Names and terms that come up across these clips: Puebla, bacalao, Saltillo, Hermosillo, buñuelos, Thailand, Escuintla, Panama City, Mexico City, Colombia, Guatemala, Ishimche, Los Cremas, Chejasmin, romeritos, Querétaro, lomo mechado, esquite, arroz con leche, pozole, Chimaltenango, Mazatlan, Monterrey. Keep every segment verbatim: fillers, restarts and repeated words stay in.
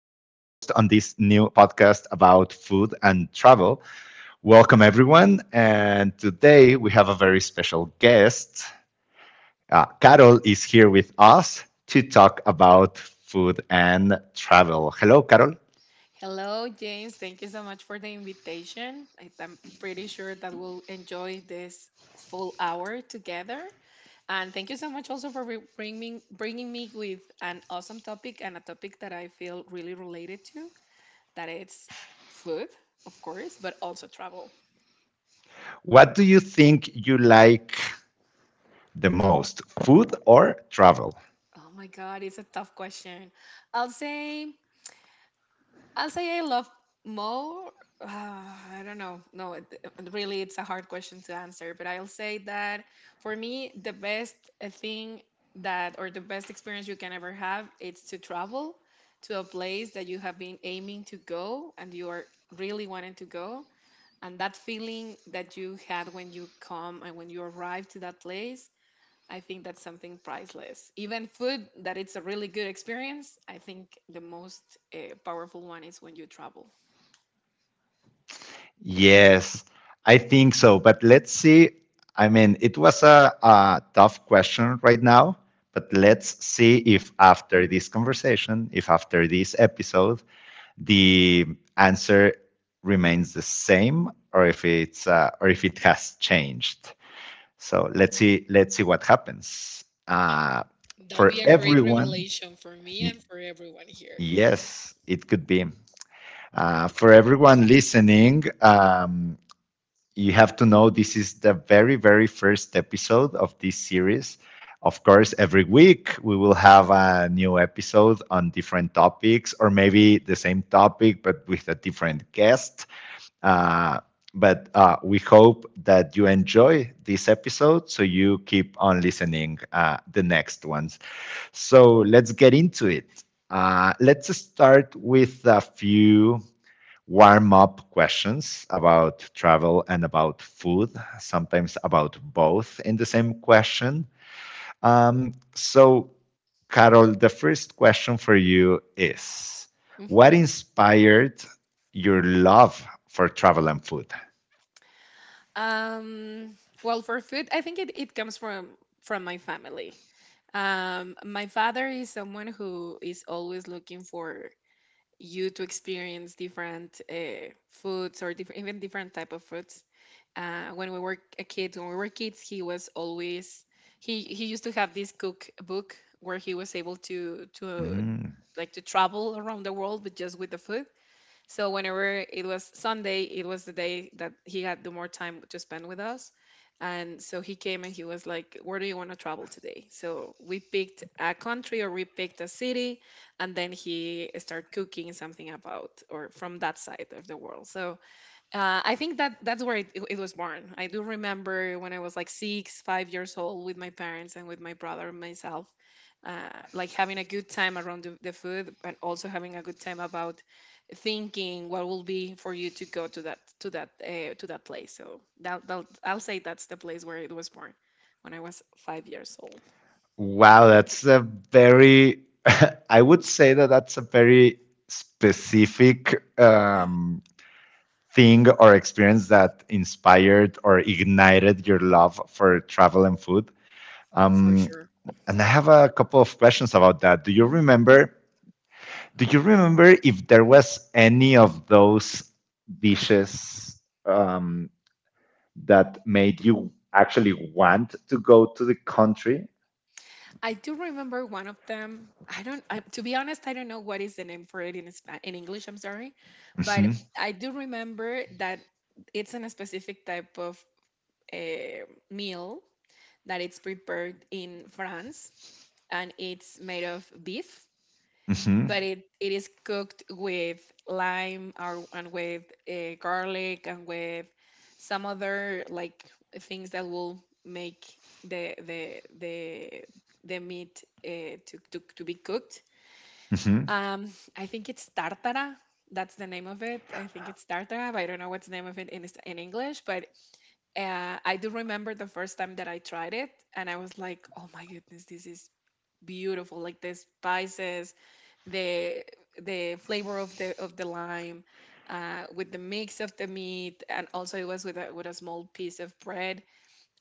on this new podcast about food and travel. Welcome, everyone. And today we have a very special guest. Uh, Carol is here with us to talk about food and travel. Hello, Carol. Hello, James. Thank you so much for the invitation. I- I'm pretty sure that we'll enjoy this full hour together. And thank you so much also for re- bringing bringing me with an awesome topic and a topic that I feel really related to. That it's food, of course, but also travel. What do you think you like the most, food or travel? Oh my God, it's a tough question. I'll say I'll say I love more. Uh, I don't know. No, it, it- really, it's a hard question to answer. But I'll say that for me, the best uh, thing that, or the best experience you can ever have, it's to travel to a place that you have been aiming to go and you are really wanting to go. And that feeling that you had when you come and when you arrive to that place, I think that's something priceless. Even food, that it's a really good experience. I think the most uh, powerful one is when you travel. Yes, I think so. But let's see. I mean, it was a, a tough question right now, but let's see if after this conversation, if after this episode, the answer remains the same or if it's uh, or if it has changed. So let's see let's see what happens. Uh, That'll be For a great everyone, revelation for me y- and for everyone here. Yes. yes, it could be. Uh, for everyone listening, um, you have to know this is the very, very first episode of this series. Of course, every week we will have a new episode on different topics, or maybe the same topic but with a different guest. Uh, but uh, We hope that you enjoy this episode so you keep on listening uh, the next ones. So let's get into it. Uh, let's start with a few warm up questions about travel and about food, sometimes about both in the same question. Um, so, Carol, the first question for you is: what hmm inspired your love for travel and food? Um, well, for food, I think it, it comes from from my family. Um, my father is someone who is always looking for you to experience different uh, foods or different even different type of foods. Uh, when we were a kid, when we were kids, he was always he he used to have this cookbook where he was able to to Mhm. like to travel around the world, but just with the food. So whenever it was Sunday, it was the day that he had the more time to spend with us. And so he came and he was like, "Where do you want to travel today?" So we picked a country or we picked a city, and then he started cooking something about or from that side of the world. So uh, I think that that's where it, it it was born. I do remember when I was like six, five years old with my parents and with my brother and myself, uh, like having a good time around the, the food and also having a good time about thinking what will be for you to go to that to that uh, to that place. So that, that I'll say that's the place where it was born when I was five years old. Wow, that's a very, I would say that that's a very specific, Yeah, um, thing or experience that inspired or ignited your love for travel and food? for Um, sure. and I have a couple of questions about that. Do you remember? Do you remember if there was any of those dishes, um, that made you actually want to go to the country? I do remember one of them. I don't, I, to be honest, I don't know what is the name for it in Spa- in English. I'm sorry, but Mm-hmm, I do remember that it's in a specific type of uh, meal that it's prepared in France, and it's made of beef mm-hmm, but it, it is cooked with lime or, and with uh, garlic and with some other like things that will make the the the the meat uh, to, to to be cooked. mm-hmm. Um, I think it's tartara. That's the name of it. I think it's tartara, but I don't know what's the name of it in, is- in English. But uh, I do remember the first time that I tried it, and I was like, "Oh my goodness, this is beautiful!" Like the spices, the the flavor of the of the lime uh, with the mix of the meat, and also it was with a, with a small piece of bread.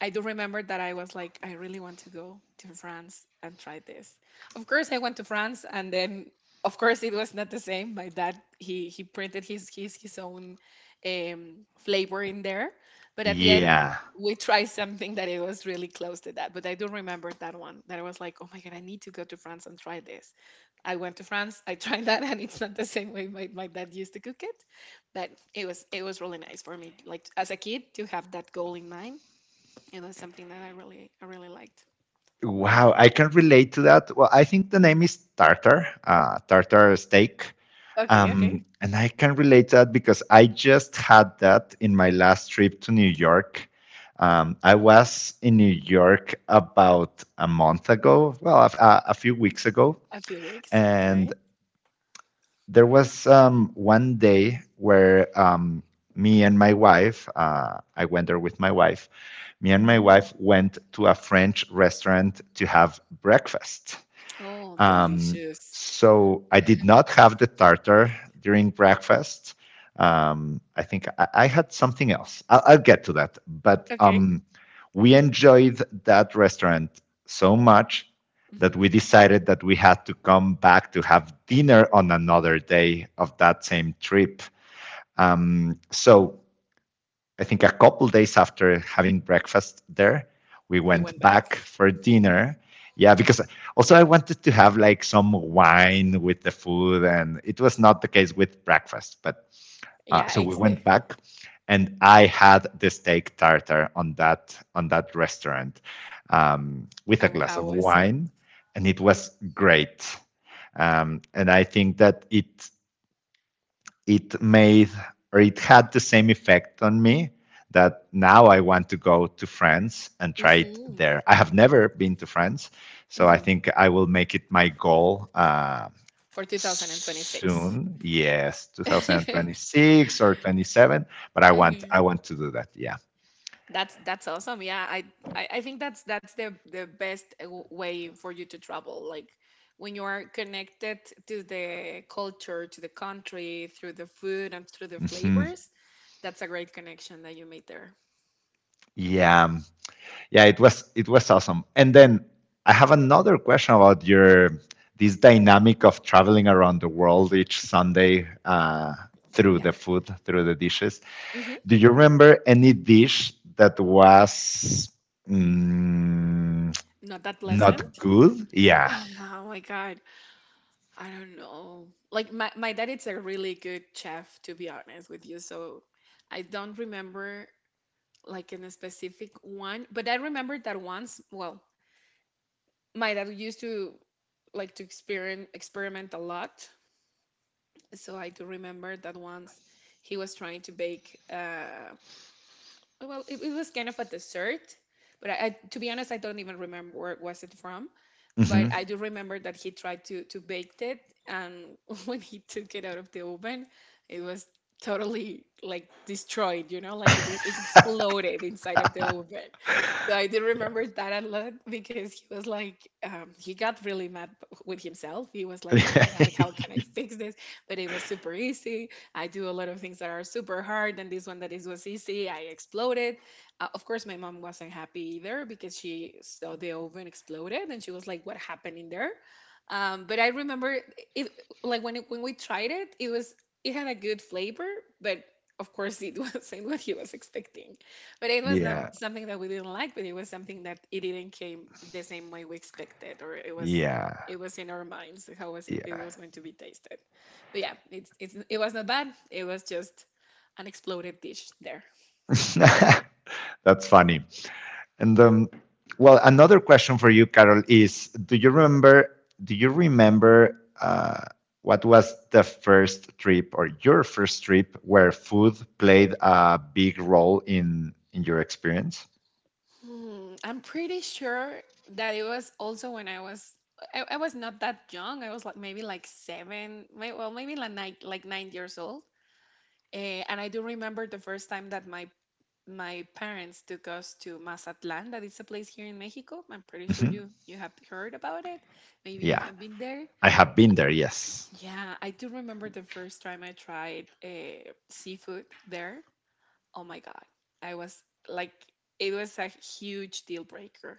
I do remember that I was like, I really want to go to France and try this. Of course, I went to France, and then of course it was not the same. My dad he he printed his his his own um, flavor in there, but at the end Yeah. we tried something that it was really close to that. But I do remember that one that I was like, oh my god, I need to go to France and try this. I went to France, I tried that, and it's not the same way my, my dad used to cook it, but it was it was really nice for me, like as a kid, to have that goal in mind, and that's something that I really I really liked. Wow, I can relate to that. Well, I think the name is Tartar, uh, Tartar steak. Okay, okay. Um, and I can relate that because I just had that in my last trip to New York. Um, I was in New York about a month ago, well, a, a a few weeks ago, A few weeks. and Okay. there was um, one day where um, me and my wife, uh, I went there with my wife, me and my wife went to a French restaurant to have breakfast. Oh, Um, delicious. so I did Mhm. not have the tartar during breakfast. Um, I think I, I had something else. I'll, I'll get to that. But Okay. um, we enjoyed that restaurant so much that hmm we decided that we had to come back to have dinner on another day of that same trip. Um, so I think a couple days after having breakfast there, we You went went back. back for dinner. Yeah, because also I wanted to have like some wine with the food, and it was not the case with breakfast. But uh, Yeah, so we it's eh, went back, and I had the steak tartare on that on that restaurant, um, with a and glass how of was it? wine, and it was great. Um, and I think that it it made or it had the same effect on me that now I want to go to France and try it hmm there. I have never been to France, so I hmm think I will make it my goal uh, For two thousand twenty-six. soon. Yes, two thousand twenty-six or twenty-seven, but I want Mhm. I want to do that. Yeah. That's that's awesome. Yeah, I I, I think that's that's the the best uh, w- way for you to travel. Like when you are connected to the culture, to the country through the food and through the Mhm. flavors. That's a great connection that you made there. Yeah. Yeah, it was it was awesome. And then I have another question about your this dynamic of traveling around the world each Sunday, uh, through Yeah. the food, through the dishes. hmm Do you remember any dish that was, mm, Not that not pleasant. good? Yeah. Oh my God. I don't know. Like my, my dad is a really good chef, to be honest with you. So I don't remember like in a specific one, but I remember that once, well, my dad used to like to experiment experiment a lot. So I do remember that once he was trying to bake. Uh, well, it, it was kind of a dessert, but I, I, to be honest, I don't even remember where was it from. But Hmm. I do remember that he tried to to bake it, and when he took it out of the oven, it was totally like destroyed. You know, like it, it exploded inside of the oven. So I did Yeah. remember that a lot because he was like, um, he got really mad with himself. He was like, oh my God, how can I fix this? But it was super easy. I do a lot of things that are super hard. And this one that is was easy, I exploded. Uh, of course, my mom wasn't happy either because she saw the oven exploded and she was like, what happened in there? Um, but I remember it, like when, it, when we tried it, it was, it had a good flavor, but of course it wasn't what he was expecting. But it was not Yeah. something that we didn't like, but it was something that it didn't came the same way we expected, or it was Yeah. it was in our minds how was it, it Yeah. was going to be tasted. But yeah, it's it's it was not bad. It was just an exploded dish there. That's funny. And um, Well, another question for you, Carol, is: do you remember? Do you remember uh, what was the first trip or your first trip where food played a big role in in your experience? Hmm, I'm pretty sure that it was also when I was I, I was not that young. I was like maybe like seven, may well maybe like nine like nine years old. Eh, and I do remember the first time that my my parents took us to Mazatlan. That is a place here in Mexico. I'm pretty sure Mhm. you you have heard about it. Maybe you Yeah, have been there. I have been there. Yes, Yeah, I do remember the first time I tried uh, seafood there. Oh my God. I was like, it was a huge deal breaker.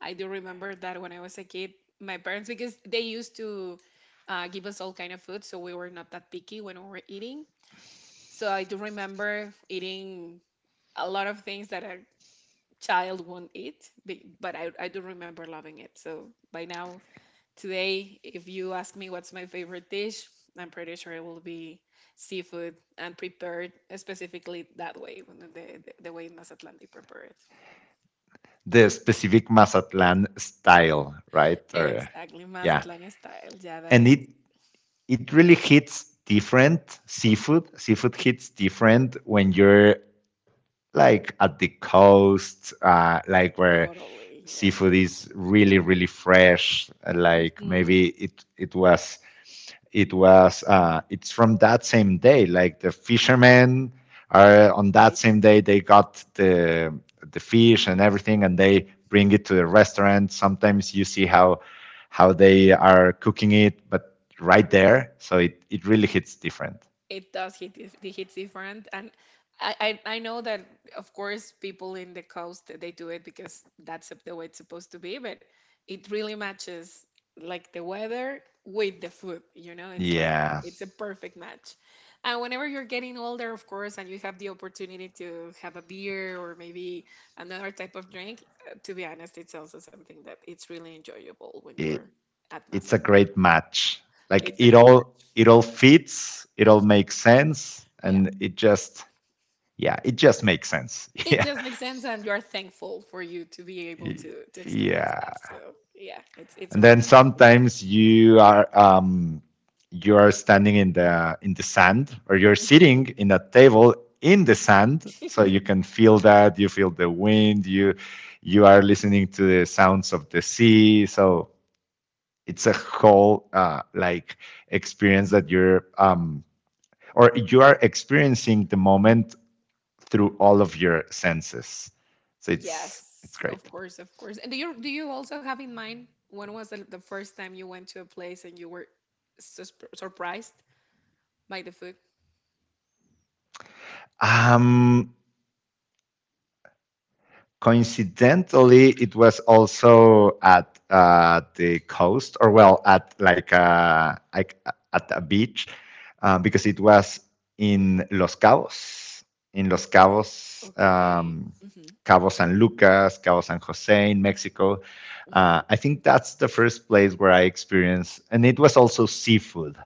I do remember that when I was a kid, my parents, because they used to uh, give us all kind of food, so we were not that picky when we were eating. So I do remember eating a lot of things that are child won't eat, be- but I, I do remember loving it. So by now, today, if you ask me what's my favorite dish, I'm pretty sure it will be seafood and prepared specifically that way, when the, the, the way in Mazatlan they prepare it. the specific Mazatlan style, right? Or Exactly, yeah, Mazatlan style. Yeah, that and it's it it really hits different seafood. Seafood hits different when you're like at the coast, uh, like where totally, yeah. seafood is really, really fresh. uh, Like Mm-hmm. maybe it it was it was uh, it's from that same day. Like the fishermen are on that same day they got the the fish and everything, and they bring it to the restaurant. Sometimes you see how how they are cooking it, but right there, so it it really hits different. It does hit dif- it hits different, and I, I I know that of course people in the coast they do it because that's the way it's supposed to be, but it really matches like the weather with the food, you know, it's like Yeah. it's a perfect match. And whenever you're getting older of course and you have the opportunity to have a beer or maybe another type of drink, uh, to be honest it's also something that it's really enjoyable when you're at It's a Mazatlan. great match. Like It's a it great all it all fits, it all Mhm, makes sense, yeah. and it just yeah, it just makes sense. It Yeah. just makes sense, and you're thankful for you to be able to to experience Yeah. that. So yeah, it's it's a And then really sometimes you are um you are standing in the in the sand or you're good thing. sitting in a table in the sand so Mhm. you can feel that you feel the wind. You you are listening to the sounds of the sea, so it's a whole uh, like experience that you're um, or you are experiencing the moment through all of your senses. So it's it's Yes, great. of course, of course. And do you do you also have in mind when was the, the first time you went to a place and you were sus surprised by the food? Um, Coincidentally, it was also at uh, the coast, or well, at like uh, like uh, at a beach, uh, because it was in Los Cabos, in Los Cabos, Okay. um, Mm-hmm. Cabo San Lucas, Cabo San Jose in Mexico. Mm-hmm. Uh, I think that's the first place where I experienced, and it was also seafood.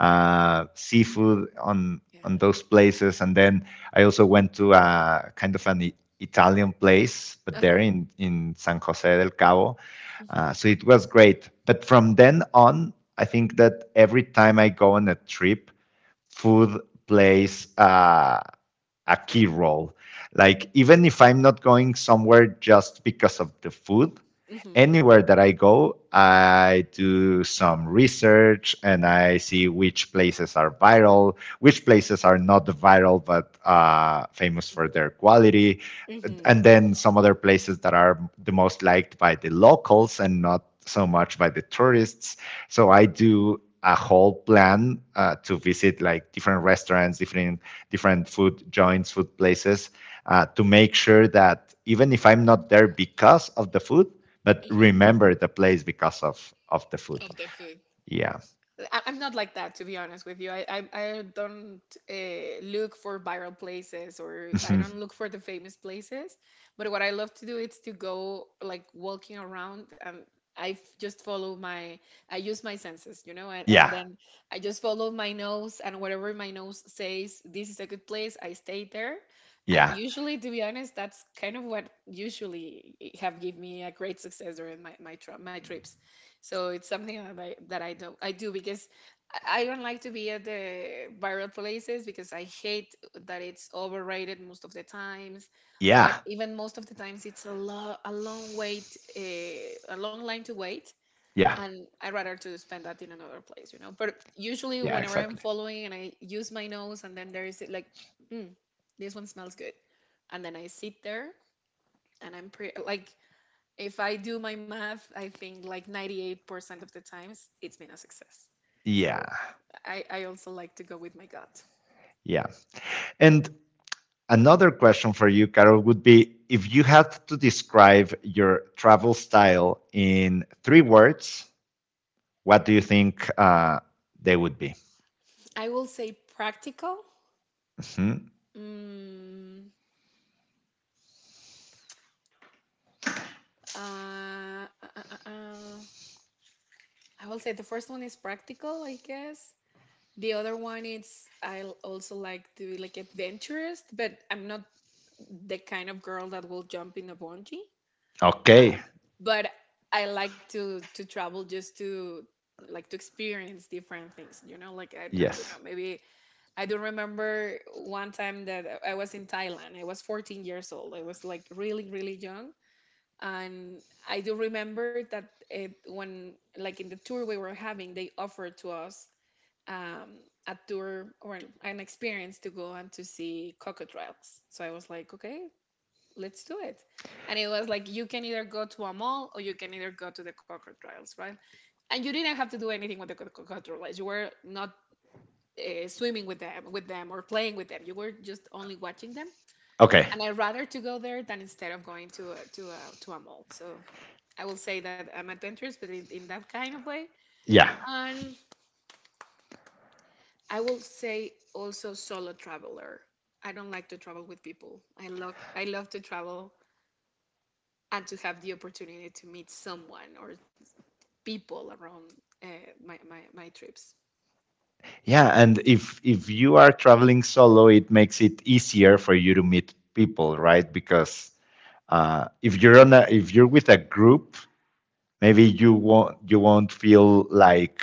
uh, Seafood on Yeah. on those places. And then I also went to a kind of an I- Italian place, but there Uh-huh. in in San Jose del Cabo. Mm-hmm. Uh, so it was great. But from then on, I think that every time I go on a trip, food plays uh, a key role. Like even if I'm not going somewhere just because of the food, Mm-hmm. anywhere that I go, I do some research and I see which places are viral, which places are not viral but uh, famous for their quality, Mm-hmm. and then some other places that are the most liked by the locals and not so much by the tourists. So I do a whole plan uh, to visit like different restaurants, different different food joints, food places, uh, to make sure that even if I'm not there because of the food, but Mm-hmm. remember the place because of of the food. Of the food. Yeah. I- I'm not like that, to be honest with you. I I, I don't uh, look for viral places or I Mhm. don't look for the famous places. But what I love to do is to go like walking around and I f- just follow my I use my senses, you know, and, and Yeah. then I just follow my nose, and whatever my nose says, this is a good place. I stay there. And Yeah. usually, to be honest, that's kind of what usually have give me a great success during my my, tri- my trips, so it's something that I, that I do I do because I I don't like to be at the viral places because I hate that it's overrated most of the times, or Yeah. even most of the times it's a lo- a long wait, uh, a long line to wait, Yeah. and I'd rather to spend that in another place, you know. But usually Yeah, whenever I'm exactly. following and I use my nose and then there is it like, hmm, this one smells good, and then I sit there and I'm pretty like. If I do my math, I think like ninety-eight percent of the times it's been a success. So Yeah. I, I also like to go with my gut. Yeah. And another question for you, Carol, would be if you had to describe your travel style in three words, what do you think uh, they would be? I will say practical. Mhm. Mm, uh, uh, uh, uh, I will say the first one is practical, I guess. The other one is I l- also like to be like adventurous, but I'm not the kind of girl that will jump in a bungee. I, Okay. but I like to to travel just to like to experience different things. You know, like I, I don't know, Yes. maybe I do remember one time that I I was in Thailand. I was fourteen years old. I was like really really young, and I do remember that it, when like in the tour we were having, they offered to us um, a tour or an experience to go and to see crocodiles. So I was like, okay, let's do it. And it was like, you can either go to a mall or you can either go to the crocodiles, right? And you didn't have to do anything with the co- co- crocodiles. You were not uh, swimming with them, with them or playing with them. You were just only watching them. Okay. And I'd rather to go there than instead of going to a, to a, to a mall. So I will say that I'm adventurous, but in, in that kind of way. Yeah. And I will say also solo traveler. I don't like to travel with people. I love I love to travel and to have the opportunity to meet someone or people around uh, my, my my trips. Yeah, and if if you are traveling solo, it makes it easier for you to meet people, right? Because Uh, if you're on a, if you're with a group, maybe you won't you won't feel like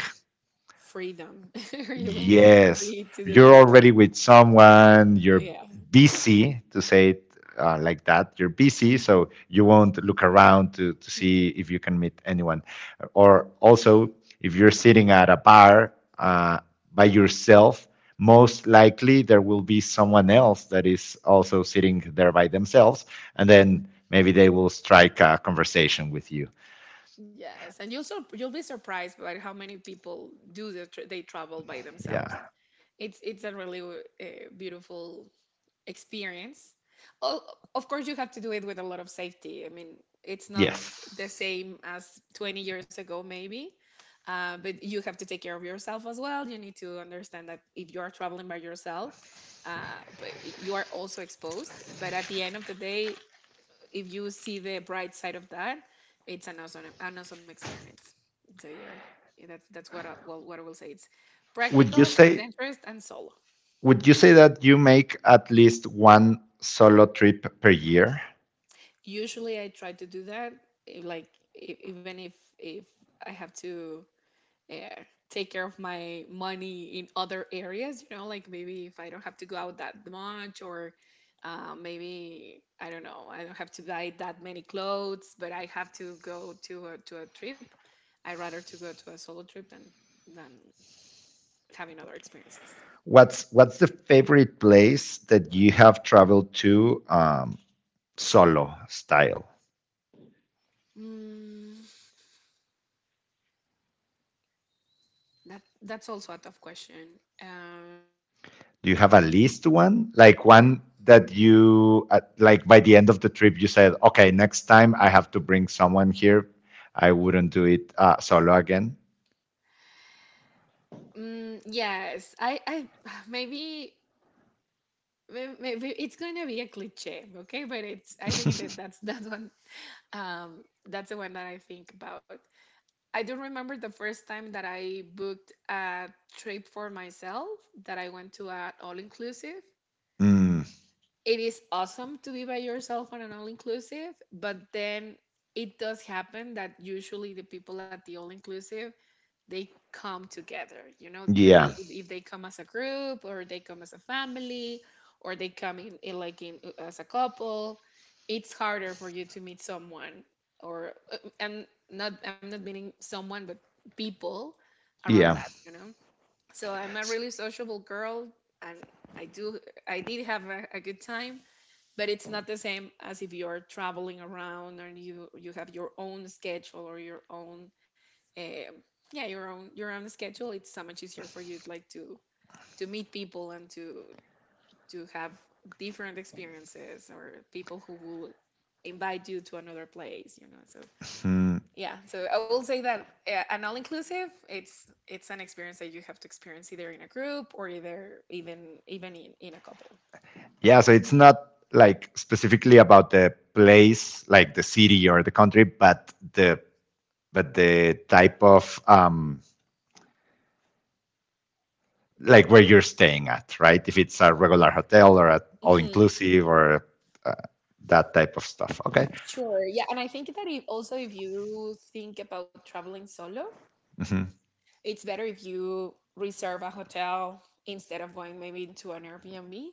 Freedom. You will feel yes, free to do you're whatever you already want. with someone, you're Yeah. busy to say it uh, like that. You're busy, so you won't look around to, to see Mhm. if you can meet anyone. Or also, if you're sitting at a bar uh, by yourself, most likely there will be someone else that is also sitting there by themselves, and then maybe they will strike a conversation with you. Yes, and you'll sur you'll be surprised by how many people do the tr they travel by themselves. Yeah. It's it's a really uh, beautiful experience. Oh, of course, you have to do it with a lot of safety. I mean, it's not the Yes. same as twenty years ago, maybe. Uh, but you have to take care of yourself as well. You need to understand that if you are traveling by yourself, uh, but you are also exposed. But at the end of the day, if you see the bright side of that, it's an awesome, an awesome experience. So you're, that's that's what I, well, what I will say. It's Would you practical, say? adventurous, and solo. Would you say that you make at least one solo trip per year? Usually I try to do that, eh, like e- even if if I have to uh, take care of my money in other areas, you know, like maybe if I don't have to go out that much, or uh, maybe I don't know, I don't have to buy that many clothes, but I have to go to a, to a trip. I rather to go to a solo trip than than having other experiences. What's what's the favorite place that you have traveled to, um, solo style? Mm, that that's also a tough question. Um, Do you have at least one, like one that you uh, like by the end of the trip you said, okay, next time I have to bring someone here. I wouldn't do it uh, solo again. Mm, yes, I, I maybe May- maybe it's going to be a cliche, okay, but it's, I think that that's that one, um, that's the one that I think about. I do remember the first time that I booked a trip for myself, that I went to an all-inclusive. Mm, It is awesome to be by yourself on an all-inclusive, but then it does happen that usually the people at the all-inclusive, they come together, you know, even they yeah, if, if they come as a group or they come as a family or they come in, in like in, uh, as a couple, it's harder for you to meet someone or, uh, and not, I'm not meaning someone but people around, yeah. that you know. So I'm a S- really sociable girl and i do I did have a, a good time, but it's not the same as if you're traveling around and you you have your own schedule or your own, um, yeah, your own your own schedule. It's so much easier for you like to to meet people and to to have different experiences or people who will invite you to another place, you know. So hmm. yeah, so I will say that, uh, an all inclusive, it's it's an experience that you have to experience either in a group or either even even in, in a couple. Yeah, so it's not like specifically about the place, like the city or the country, but the but the type of, um, like where you're staying at, right? If it's a regular Yeah. hotel or a all Hmm. inclusive or uh, that type of stuff. Okay. Sure. Yeah. And I think that if also if you think about traveling solo, Mm-hmm. it's better if you reserve a hotel instead of going maybe into an Airbnb,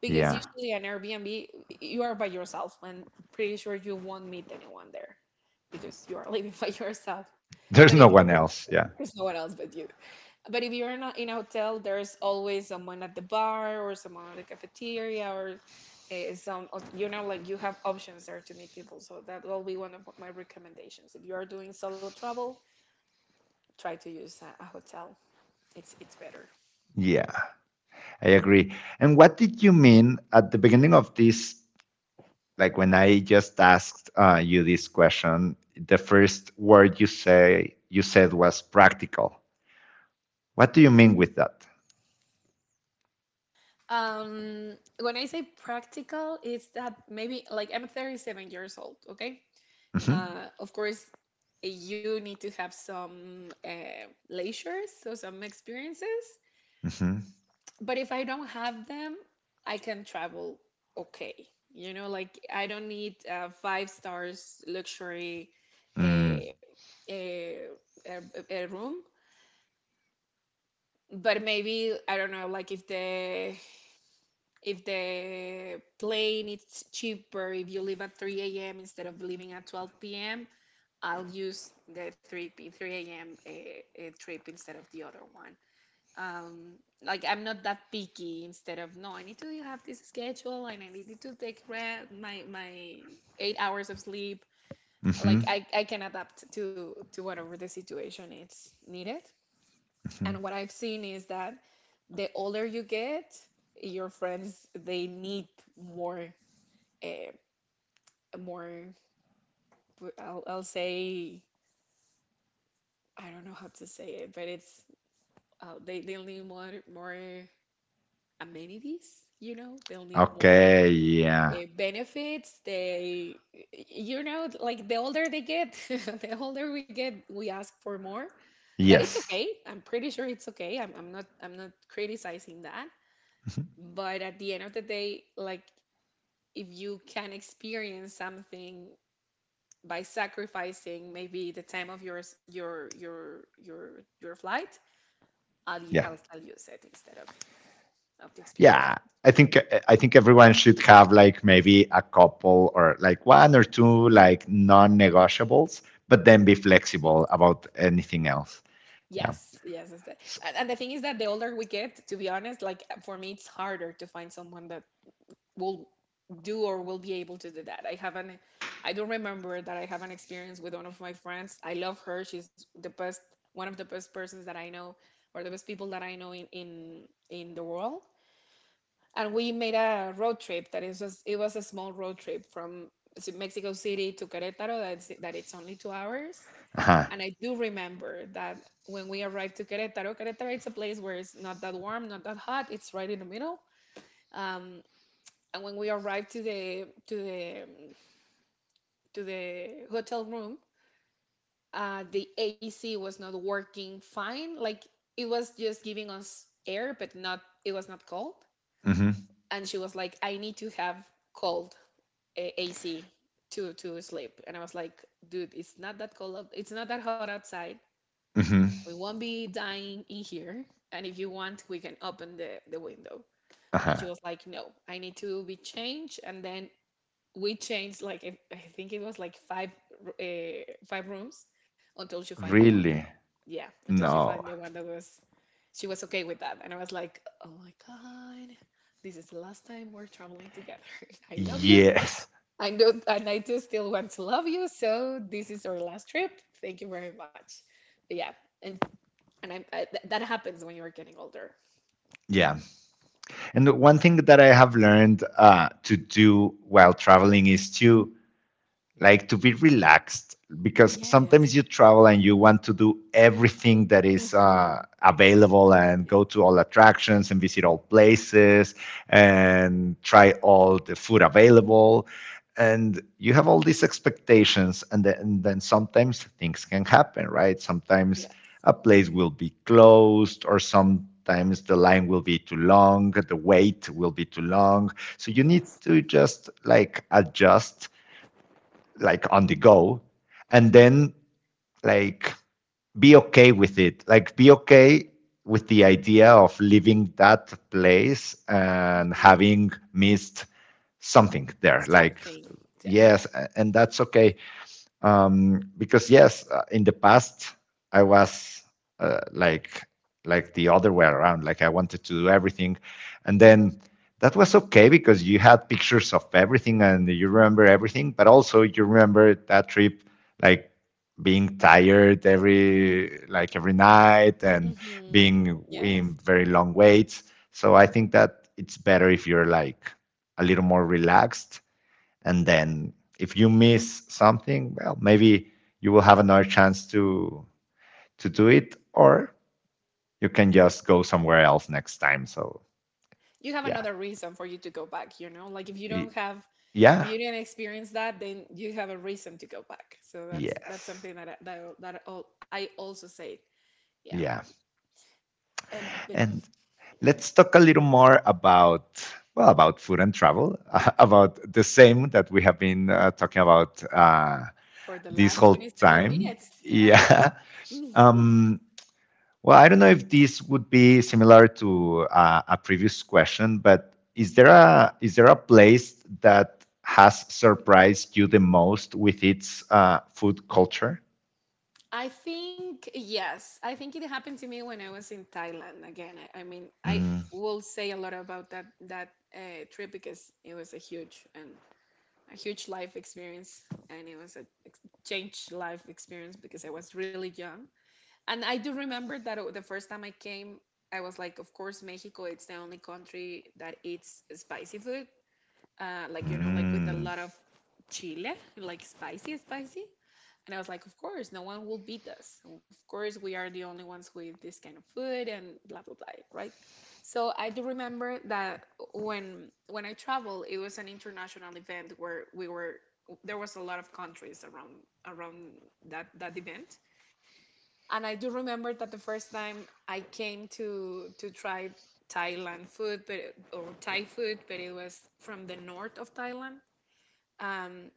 because Yeah. usually an Airbnb, you are by yourself and pretty sure you won't meet anyone there because you are living by yourself. But There's if you, no one else. Yeah. there's no one else but you. But if you're not in a hotel, there's always someone at the bar or someone at the cafeteria or, uh, some, you know, like you have options there to meet people. So that will be one of my recommendations. If you are doing solo travel, try to use a, a hotel. it's it's better. Yeah. I agree. And what did you mean at the beginning of this? Like when I just asked uh, you this question, the first word you say you said was practical. What do you mean with that? Um, when I say practical, it's that maybe like I'm thirty-seven years old. Okay, Mhm, uh, of course you need to have some uh, leisure, so some experiences. mhm, But if I don't have them, I can travel okay. You know, like I don't need uh, five stars luxury mm, a, a, a, a room, but maybe I don't know, like if the if the plane is cheaper if you leave at three a m instead of leaving at twelve p m, I'll use the three p three a m, eh, eh, trip instead of the other one. Um, like I'm not that picky. Instead of no, I need to have this schedule and I need to take my my eight hours of sleep. mhm, Like I, I can adapt to to whatever the situation is needed. And what mhm. I've seen is that the older you get, your friends they need more, uh, more. I'll, I'll say I don't know how to say it, but it's, uh, they they'll need more more amenities. You know, they'll need more Okay, uh, yeah. benefits. They, you know, like the older they get, the older we get, we ask for more. That it's Yes. okay. I'm pretty sure it's okay. I'm, I'm not, I'm not criticizing that. Mhm. But at the end of the day, like if you can experience something by sacrificing maybe the time of your your your your your flight, I'll u- Yeah. I'll, I'll use it instead of of the experience. Yeah. I think I think everyone should have like maybe a couple or like one or two like non-negotiables, but then be Yeah. flexible about anything else. Yeah. Yes. Yes. Is that. S- And, and the thing is that the older we get, to be honest, like for me, it's harder to find someone that will do or will be able to do that. I haven't, I don't remember that I have an experience with one of my friends. I love her. She's the best, one of the best persons that I know, or the best people that I know in in in the world. And we made a road trip that is just, it was a small road trip from Mexico City to Querétaro. That's that it's only two hours. uh-huh. And I do remember that when we arrived to Querétaro, Querétaro it's a place where it's not that warm, not that hot. It's right in the middle. Um, and when we arrived to the to the to the hotel room, uh, the A C was not working fine. Like it was just giving us air, but not it was not cold. Mhm. And she was like, "I need to have cold, uh, A C to to sleep." And I was like, "Dude, it's not that cold. out- It's not that hot outside. Mhm. We won't be dying in here. And if you want, we can open the the window." And she Uh-huh. was like, "No, I need to be changed, and then we changed like if- I think it was like five, uh, five rooms, until she find the one that, Really? yeah, until she find No. the one that was, she was okay with that. And I was like, oh my god, this is the last time we're traveling together. I love you, Yes. I know, and I do still want to love you, so this is our last trip, thank you very much. But yeah, and and I, I th- that happens when you are getting older. Yeah. And one thing that I have learned uh, to do while traveling is to like to be relaxed, because Yes. sometimes you travel and you want to do everything that is uh, Hmm. available and Yes. go to all attractions and visit all places and try all the food available, and you have all these expectations. And then, and then sometimes things can happen, right? Yes. Sometimes a place will be closed, or sometimes the line will be too long, the wait will be too long, so you Yes. need to just like adjust like on the go, and then like be okay with it, like be okay with the idea of leaving that place and Hmm. having missed something there, like Something. Yeah. yes, and that's okay. Um, because yes, uh, in the past I was uh, like like the other way around. Like I wanted to do everything, and then that was okay because you had pictures of everything and you remember everything. But also you remember that trip, like being tired every like every night and Hmm. being Yes. in very long waits. So I think that it's better if you're like a little more relaxed, and then if you miss something well maybe you will have another chance to to do it, or you can just go somewhere else next time. So You have yeah. another reason for you to go back, you know? Like if you don't have, if Yeah. you didn't experience that, then you have a reason to go back. So that's that's Yes. something that I, that I- that all I also say. Yeah. Yeah. And but yeah, And let's talk a little more about, well, about food and travel, uh, about the same that we have been uh, talking about uh, for the this last whole twenty-seven time. minutes, yes. Yeah. Hmm. um Well, I don't know if this would be similar to uh, a previous question, but is there a is there a place that has surprised you the most with its uh, food culture? I think yes. I think it happened to me when I was in Thailand again. I, I mean, I Mm. will say a lot about that that uh, trip because it was a huge and a huge life experience, and it was a ex- changed life experience because I was really young. And I do remember that uh, the first time I came, I was like, of course, Mexico, it's the only country that eats spicy food. Uh, like, you know, like with a Mm. lot of chile, like spicy, spicy. And I was like, of course, no one will beat us. Of course, we are the only ones with this kind of food and blah blah blah, right? So I do remember that when when I traveled, it was an international event where we were there was a lot of countries around around that that event. And I do remember that the first time I came to to try Thailand food, but or Thai food, but it was from the north of Thailand. Um,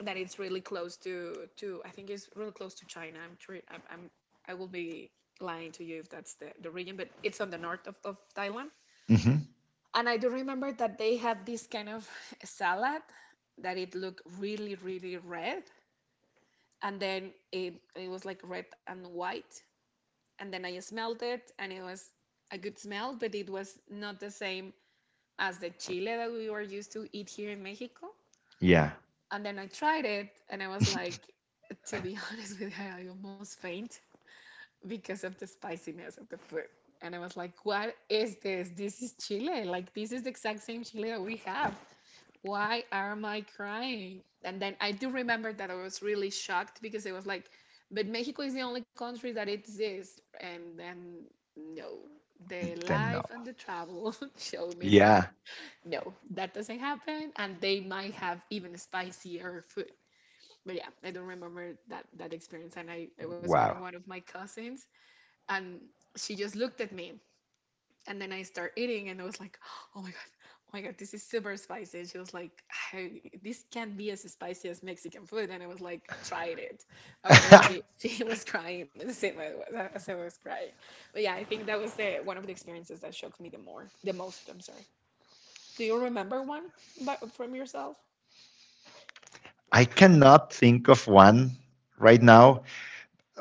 that it's really close to to I think it's really close to China. I'm tre- I'm, I'm I will be lying to you if that's the, the region, but it's on the north of, of Thailand. Hmm. And I do remember that they had this kind of salad that it looked really really red, and then it it was like red and white. And then I smelled it, and it was a good smell, but it was not the same as the chile that we were used to eat here in Mexico. Yeah, And then I tried it and I was like, to be honest with you, I almost faint because of the spiciness of the food. And I was like, what is this? This is chile. Like, this is the exact same chile that we have. Why am I crying? And then I do remember that I was really shocked because it was like, but Mexico is the only country that exists. And then, no, the then no. life and the travel showed me that Yeah, no, that doesn't happen. And they might have even spicier food, but yeah, I don't remember that that experience. And I it was one of wow. one of my cousins, and she just looked at me, and then I start eating, and I was like, oh my god, oh my god, this is super spicy. And she was like, I, this can't be as spicy as Mexican food. And I was like, tried it. Of course, she, she was crying the same way as I was crying. But yeah, I think that was the one of the experiences that shocked me the more, the most. I'm sorry. Do you remember one by, from yourself? I cannot think of one right now.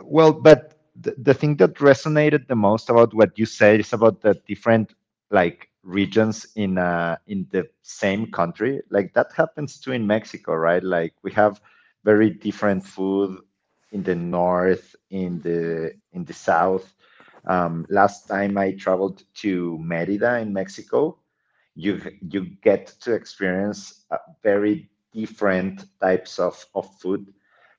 Well, but the, the thing that resonated the most about what you said is about the different like regions in uh in the same country. Like that happens too in Mexico, right? Like we have very different Yes. food in the north, in Mm-hmm. the in the south. Um, last time I traveled to Merida in Mexico, you you get to experience uh, very different types of, of food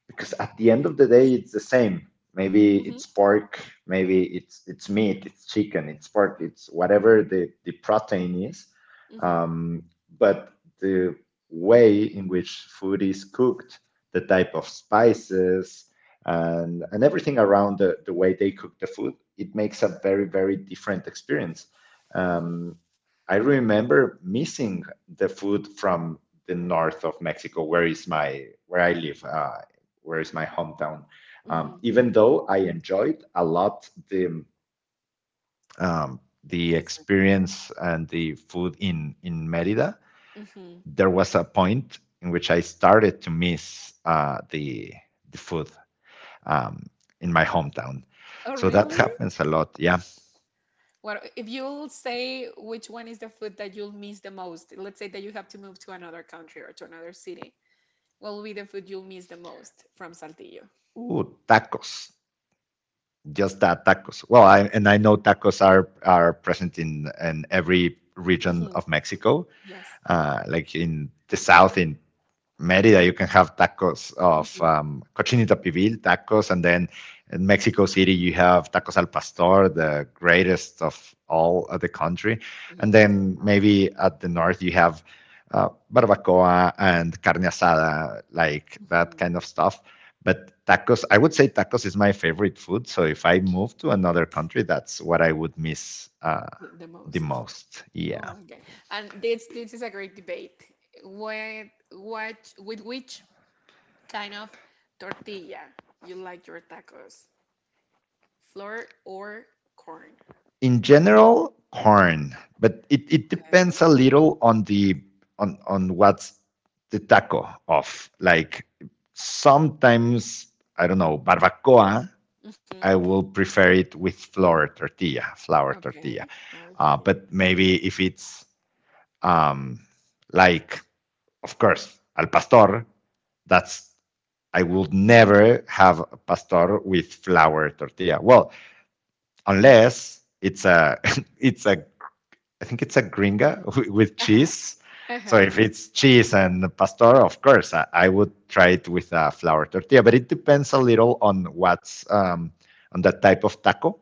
because Yeah, at the end of the day with it's the same. Maybe flavors. it's pork, maybe it's it's meat, it's chicken, it's pork, it's whatever the, the protein is. Mm-hmm. um, but the way in which food is cooked, the type of spices, and and everything around the, the way they cook the food, it makes a very very different experience. Mm-hmm. um, I remember missing the food from the north of Mexico where is my where I live, uh, where is my hometown. Um, Mm-hmm. Even though I enjoyed a lot the um, the Different. experience and the food in in Merida, Mm-hmm. there was a point in which I started to miss uh, the the food um, in my hometown. Oh, So that really? happens a lot. Yeah. What if you'll say which one is the food that you'll miss the most? Let's say that you have to move to another country or to another city. What will be the food you'll miss the most from Saltillo? Ooh, tacos. Just that, tacos. Well, Okay. I, and I know Mm-hmm. tacos are are present in in every region of Mexico. Yes. Uh, like in the south, in Merida, you can have tacos of Mm-hmm. um, cochinita pibil tacos, and then in Mexico City you have tacos al pastor, the greatest of all of the country, and Yes, they then are. maybe at the north you have uh, barbacoa and carne asada, like that Mm-hmm. kind of stuff. But tacos, I would say tacos is my favorite food. So if I move to another country, that's what I would miss, uh, The, the the most. most. Oh Yeah. my God. And this this is a great debate. What what with which kind of tortilla you like your tacos? Flour or corn. In general, corn, but it, it depends a Okay. little on the on on what's the taco of. Like sometimes, I don't know, barbacoa, I Mm-hmm. will prefer it with flour tortilla, flour tortilla. Okay. Flour Uh, to the. but Mhm. maybe if it's um, like, of course, al pastor, that's I would never have a pastor with flour tortilla. Well, unless it's a it's a I think it's a gringa with Uh-huh. cheese. So Uh-huh. if it's cheese and pastor, of course, I, I would try it with a flour tortilla. But it depends a little on what's um, on the type of taco.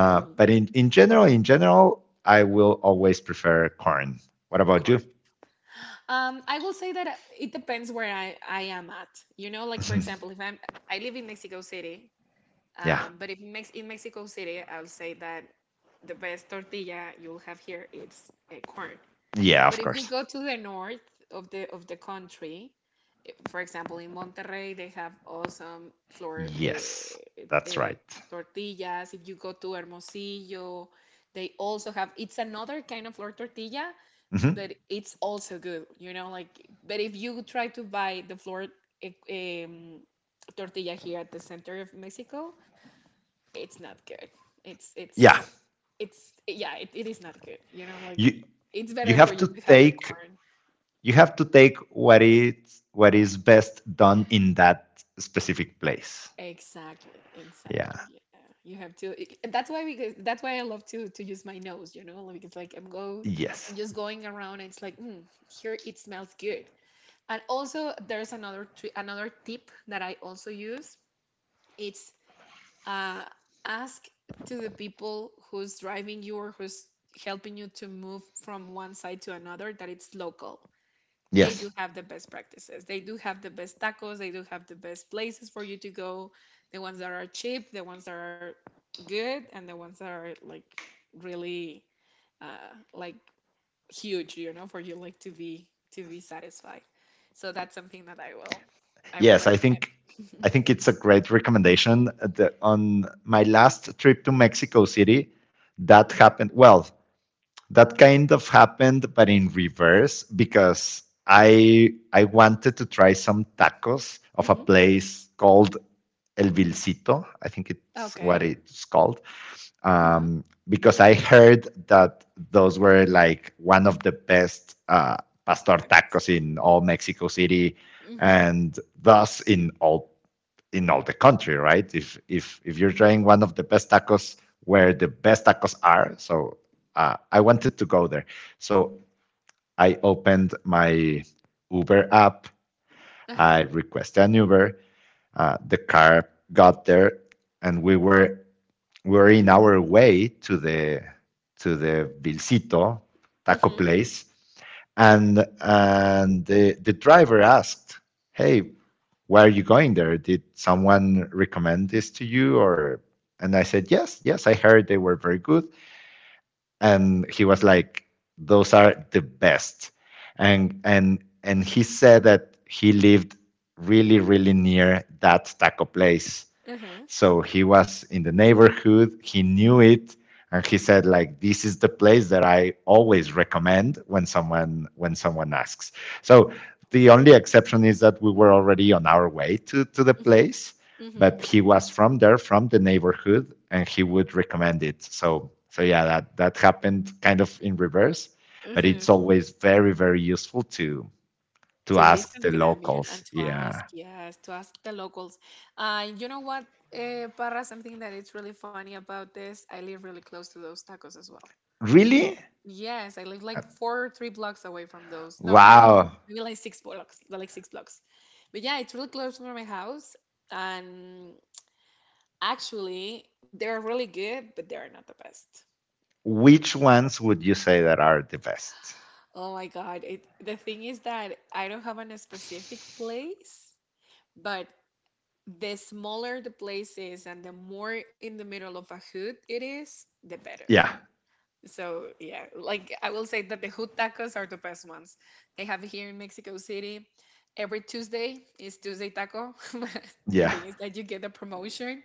That you'll but be in, in general, in general, I will always prefer corn. What about you? corn. Um, I will say that it depends where I, I am at. You know, like for Mm-hmm. example, if I'm I live in Mexico City, Yeah, um, but if Mex- in Mexico City, I'll say that the best tortilla you'll have here is uh, corn. yeah, of But if you course. go to the north of the of the country, for example, in Monterrey, they have awesome flour uh, Yes, that's uh, right. tortillas. If you go to Hermosillo, they also have. It's another kind of flour tortilla, Mhm. but it's also good. You know, like. But if you try to buy the flour eh, um, tortilla here at the center of Mexico, it's not good. It's it's Yeah, it's yeah, it, it is not good. You know, like you it's you better for have you to to have it take corn. you have to take what is what is best done in that specific place. Exactly, Yeah. exactly. Yeah, you have to. i- That's why we. go- That's why I love to to use my nose. You know, like, because like I'm go, I'm Yes. just going around, and it's like, mm, here it smells good. And also, there's another tri another tip that I also use. It's uh, ask to the people who's driving you or who's helping you to move from one side to another that it's local, they Yes. do have the best practices. They do have the best tacos. They do have the best places for you to go. The ones that are cheap, the ones that are good, and the ones that are like really uh, like huge, you know, for you like to be to be satisfied. So that's something that I will I will Yes, I think I recommend. think it's a great recommendation. uh, The, on my last trip to Mexico City, that happened. Well, that kind of happened, but in reverse because I I wanted to try some tacos of a Hmm. place called El Vilcito. I think it's Okay. what it's called. Uh-huh. Um, because I heard that those were like one of the best uh, pastor Tacos. tacos in all Mexico City, Mm-hmm. and thus in all in all the country, right? If if if you're trying one of the best tacos, where the best tacos are, so uh, I wanted to go there. So I opened my Uber app. Uh-huh. I requested an Uber. Uh, the car got there, and we were we're in our way to the to the Vilcito taco Mm-hmm. place, and and the the driver asked, "Hey, why are you going there? Did someone recommend this to you?" Or and I said, "Yes, yes, I heard they were very good." And he was like, "Those are the best," and and and he said that he lived really really near that taco place, Uh-huh. so he was in the neighborhood, he knew it, and he said like this is the place that I always recommend when someone when someone asks. So the only exception is that we were already on our way to, to the Mm-hmm. place, Mm-hmm. but he was from there, from the neighborhood, and he would recommend it. So so yeah, that that happened kind of in reverse, but Uh-huh. it's always very very useful to to To ask listen the to them, yeah, and locals. to ask, Yeah, yes, to ask the locals. Uh you know what, uh para something that it's really funny about this, I live really close to those tacos as well. really? Yes, I live like four or three blocks away from those. No, maybe more, Wow, maybe like six blocks, like six blocks. But yeah, it's really close from my house. And actually they're really good, but they're not the best. which ones would you say that are the best? Oh my God. It, the thing is that I don't have a specific place, but the smaller the place is and the more in the middle of a hood it is, the better. Yeah, So yeah, like I will say that the hood tacos are the best ones. They have here in Mexico City. Every Tuesday is Tuesday Taco. The yeah. thing is that you get a promotion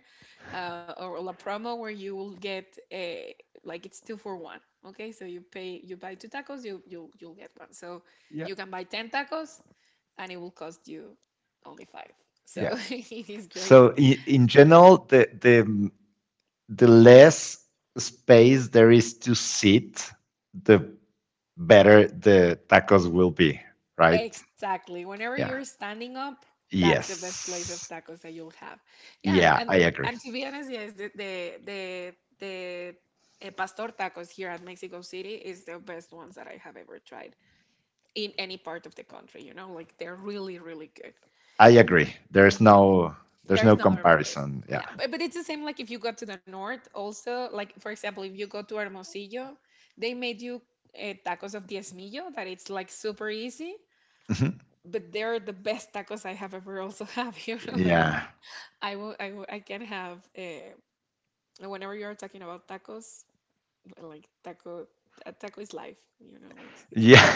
uh, or a promo where you will get a like it's two for one. Okay, so you pay you buy two tacos, you you you'll get one. So Yeah, you can buy ten tacos, and it will cost you only five. yeah. So it is So great. in, in general, the the the less space there is to sit, the better the tacos will be, right? Exactly. Whenever Yeah. you're standing up, that's the best place of Yes. tacos that you'll have. Yeah, and Yeah, and, I agree. and to be honest, yes, the the the, the eh, pastor tacos here at Mexico City is the best ones that I have ever tried in any part of the country. You know, like they're really, really good. I agree. There's And no there's no there's no other place. comparison. Yeah. Yeah, but, but it's the same like if you go to the north also, like for example, if you go to Hermosillo, they made you uh, tacos of diezmillo that it's like super easy but they're the best tacos I have ever also have. You know, like Yeah. I will, I will, I can have. Uh, whenever you are talking about tacos, like taco, a taco is life. You know, it's it's Yeah, it's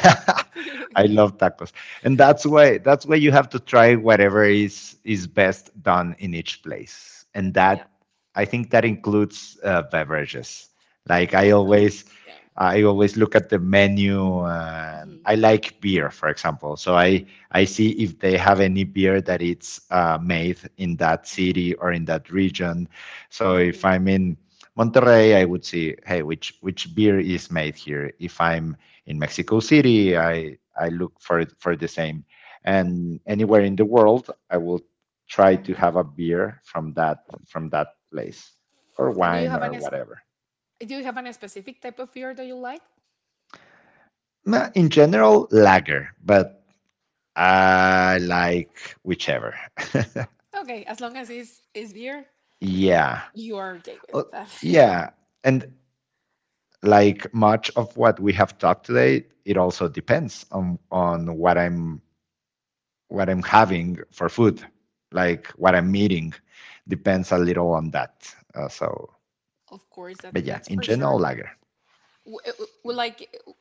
great. I love tacos. And that's why that's why you have to try whatever is is best done in each place. And Yeah. that I think that includes uh, beverages. Like I Also, always yeah. I always look at the menu, and Hmm. I like beer, for example. So I I see if they have any beer that it's uh, made in that city Oh. or in that region. So if Hmm. I'm in Monterrey, I would see, hey, which which beer is made here? If I'm in Mexico City, I I look for for the same. And anywhere in the world, I will try to have a beer from that from that place, or And do you wine have any? or whatever. Do you have any specific type of beer that you like? Nah, in general, lager, but I like whichever. Okay, as long as it's it's beer, Yeah. you are okay Uh, with that. yeah. And like much of what we have talked today, it also depends on on what I'm what I'm having for food, like what I'm eating, depends a little on that. Uh, so, Of course, that's but yeah, that's in for sure. general, lager. W- uh, uh, like uh,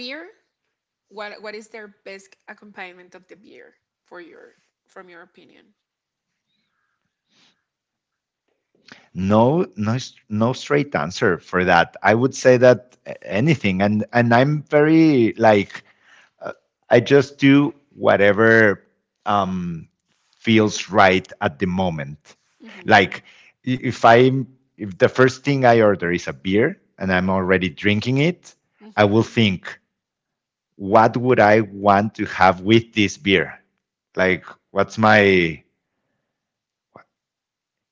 Beer, what what is their best accompaniment of the beer for your from your opinion? No, no, no straight answer for that. I would say Okay. that anything, and and I'm very like I just do whatever um, feels right at the moment. Mm-hmm. Like if I if the first thing I order is a beer and I'm already drinking it, I Mm-hmm. will think what would I want to have with this beer? Like, what's my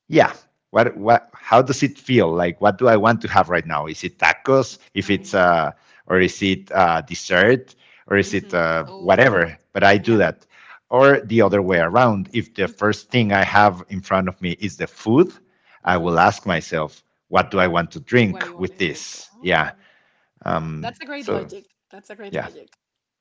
yeah? What what? How does it feel? Like, what do I want to have right now? Is it tacos? If it's Okay. uh, or is it uh, dessert? Or is Mm-hmm. it uh, Oh, that's whatever? But I yeah. do that. Or the other way around. If the Mm-hmm. first thing I have in front of me is the food, I Mm-hmm. will ask myself, what do I want to What do drink you want to with drink? this? Yeah. Oh, that's Um, a great so logic. That's a great yeah. logic.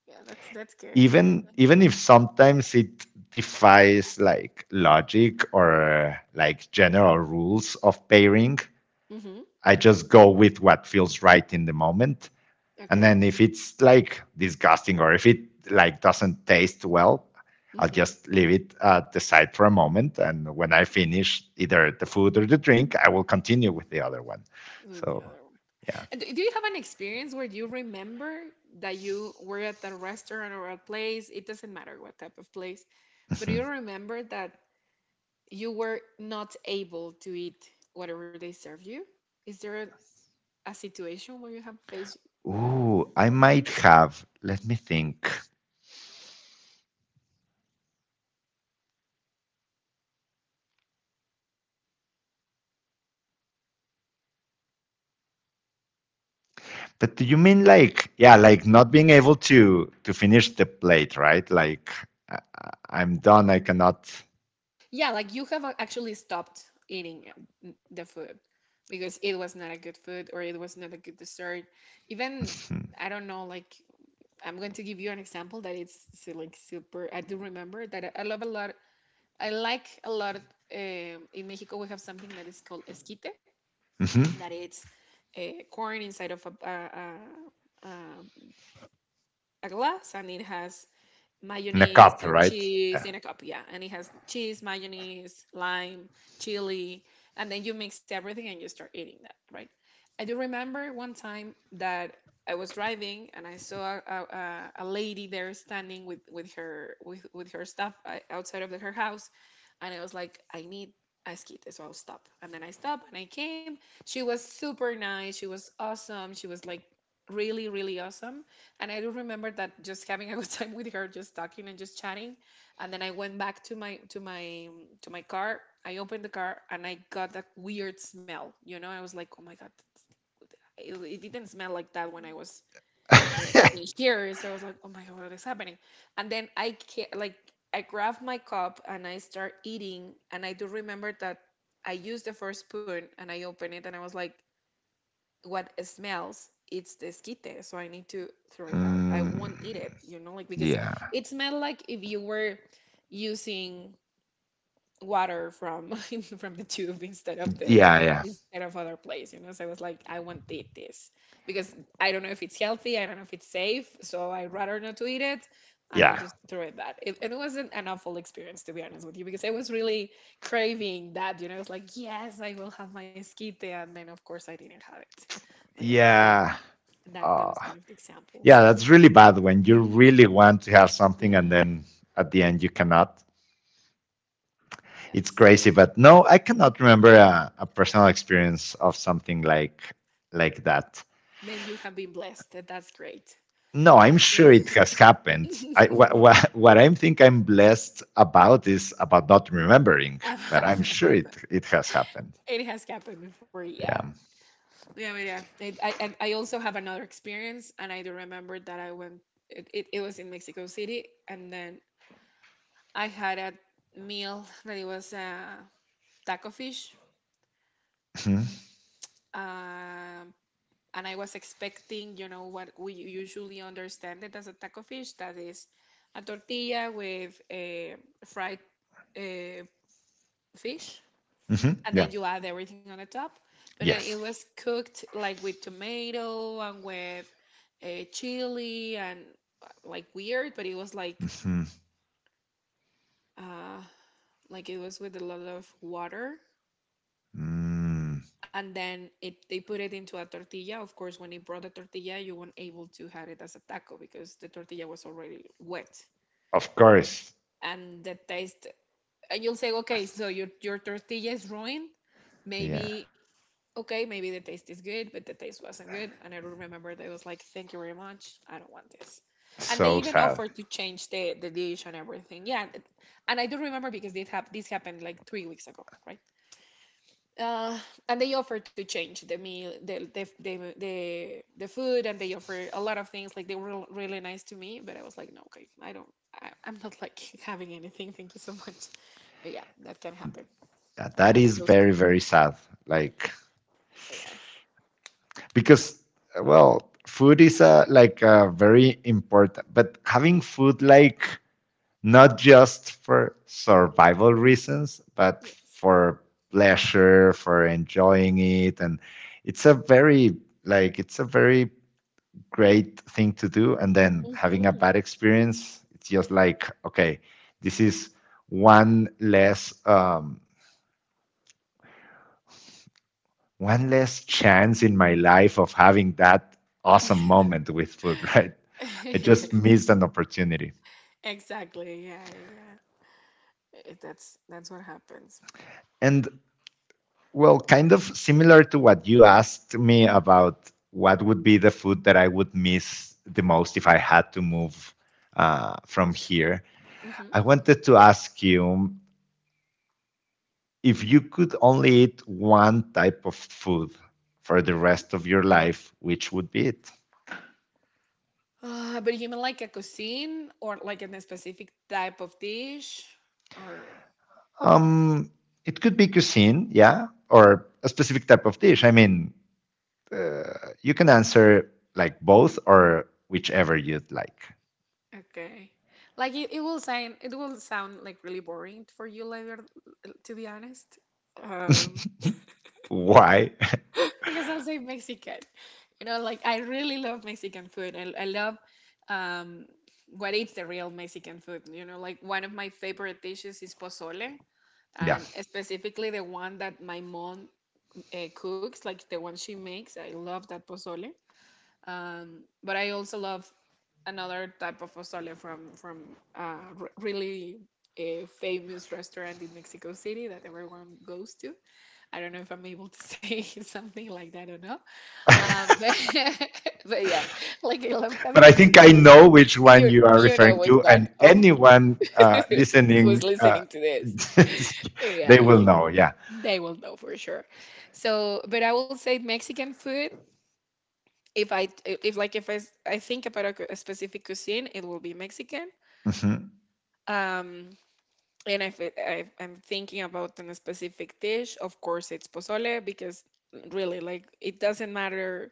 Yeah, that's that's good. Even even if sometimes it defies like logic or like general rules of pairing, Mm-hmm. I just go with what feels right in the moment, and Okay. then if it's like disgusting or if it like doesn't taste well, I'll Mm-hmm. just leave it uh, at the side for a moment, and when I finish either the food or the drink I will continue with the other one. With the So other one. yeah. And do do you have an experience where you remember that you were at a restaurant or a place? It doesn't matter what type of place, but Mhm. you remember that you were not able to eat whatever they served you? Is there a, a situation where you have faced that? Ooh, I might have, let me think. But do you mean like, yeah, like not being able to to finish the plate, right? Like I, I'm done. I cannot. Yeah, like you have uh, actually stopped eating uh, the food because it was not a good food or it was not a good dessert. Even, I don't know, like I'm going to give you an example that it's so, like super. I do remember that I I love a lot. I like a lot. Um, in Mexico, we have something that is called esquite, Mhm. that it's uh, corn inside of a, a, a, a a glass and it has In a mayonnaise cup, and right? cheese Yeah. in a cup, yeah. And it has cheese, mayonnaise, lime, chili, and then you mix everything and you start eating that, right? I do remember one time that I was driving and I saw a, a, a- lady there standing with, with her with, with her stuff uh, outside of the, her house, and I was like, I need esquite, so I'll stop. And then I stopped and I came. She was super nice. She was awesome. She was like really, really awesome and I do remember that just having a good time with her, just talking and just chatting. And then I went back to my to my to my car. I opened the car and I got that weird smell. You know, I was like, oh my god, it, it didn't smell like that when I was i- in here. So I was like, oh my god, what is happening? And then I ca- like I grabbed my cup and I start eating. And I do remember that I used the first spoon and I opened it and I was like, what smells? It's the esquite, so I need to throw it out. I won't eat it, Mm, you know like, because yeah. it smelled like if you were using water from from the tube instead of the Yeah. Yeah. instead of other place, you know so I was like, I won't eat this because I don't know if it's healthy, I don't know if it's safe, so I'd rather not to eat it. And I Yeah. just threw it that it, and it wasn't an awful experience, to be honest with you, because I was really craving that you know It's like, yes, I will have my esquite, and then of course I didn't have it. But yeah, that Yeah. that, that Uh, was one of the examples. yeah. That's really bad when you really want to have Yeah. something and then at the end you cannot. It's Yes, crazy, but no, I cannot remember a, a personal experience of something like like that. then you have been blessed. That- that's great. No, I'm That's sure great. it has happened. I, wha- wha- what I think I'm blessed about is about not remembering, but I'm Amanda. sure it, it has happened. It has happened before, yeah. Yeah. Yeah, but yeah. It, I, and I also have another experience, and I do remember that I went, it, it, it was in Mexico City, and then I had a meal that it was uh, taco fish. Hmm. Um, and I was expecting, you know, what we usually understand it as a taco fish, that is a tortilla with a fried uh, fish, Hmm. and Yeah. then you add everything on the top. But then it Yes. was cooked like with tomato and with uh, chili and uh, like weird, but it was like Hmm. uh, like it was with a lot of water. Mm. And then it they put it into a tortilla. Of course, when they brought the tortilla, you weren't able to have it as a taco because the tortilla was already wet. Of course. And the taste, and you'll say, okay, so your your tortilla is ruined. Yeah. Maybe okay, maybe the taste is good, but the taste wasn't good. And I don't remember that I was like, thank you very much. I don't want this. And they So even sad. offered to change the, the dish and everything. Yeah. th- And I do remember because this, hap- this happened like three weeks ago, right? Uh, and they offered to change the meal, the, the, the, the, the food, and they offered a lot of things. Like they were l- really nice to me, but I was like, no, okay, I don't, I, I'm not like having anything. Thank you so much. But yeah, that can happen. Yeah, I that have is those very, two. very sad. Like, Yeah. because, well, food is a, like a very important, but having food like not just for survival reasons, but Yes. for pleasure, for enjoying it. And it's a very, like, it's a very great thing to do. And then having a Hmm. bad experience, it's just like, okay, this is one less, um, one less chance in my life of having that awesome moment with food, right? I just missed an opportunity. Exactly. Yeah, yeah, yeah. It, that's that's what happens. And well, kind of similar to what you asked me about what would be the food that I would miss the most if I had to move uh, from here, Hmm. I wanted to ask you, if you could only eat one type of food for the Hmm. rest of your life, which would be it? Uh, but you mean like a cuisine or like in a specific type of dish, or Um, it could be cuisine, yeah, or a specific type of dish. I mean, you can answer like both or whichever you'd like. okay. Like it, it will sound it will sound like really boring for you later, to be honest. Um, Why? because I'll say Mexican. You know, like I really love Mexican food. I, I love um what is the real Mexican food. You know, like one of my favorite dishes is pozole, Yeah. and specifically the one that my mom uh, cooks, like the one she makes. I love that pozole. Um, but I also love another type of pozole from from a re- really a famous restaurant in Mexico City that everyone goes to. I don't know if I'm able to say something like that or not. Um, but, but yeah, like I love that But I kind of think I food. know which one You you are you know referring which to, one and of anyone uh, who's listening, uh, listening to this. they Yeah, will you, know. Yeah. they will know for sure. So, but I will say Mexican food. If I if like if I, s- I think about a, cu- a specific cuisine, it will be Mexican. Mhm. Um, and if, it, if I'm thinking about a specific dish, of course it's pozole because really, like, it doesn't matter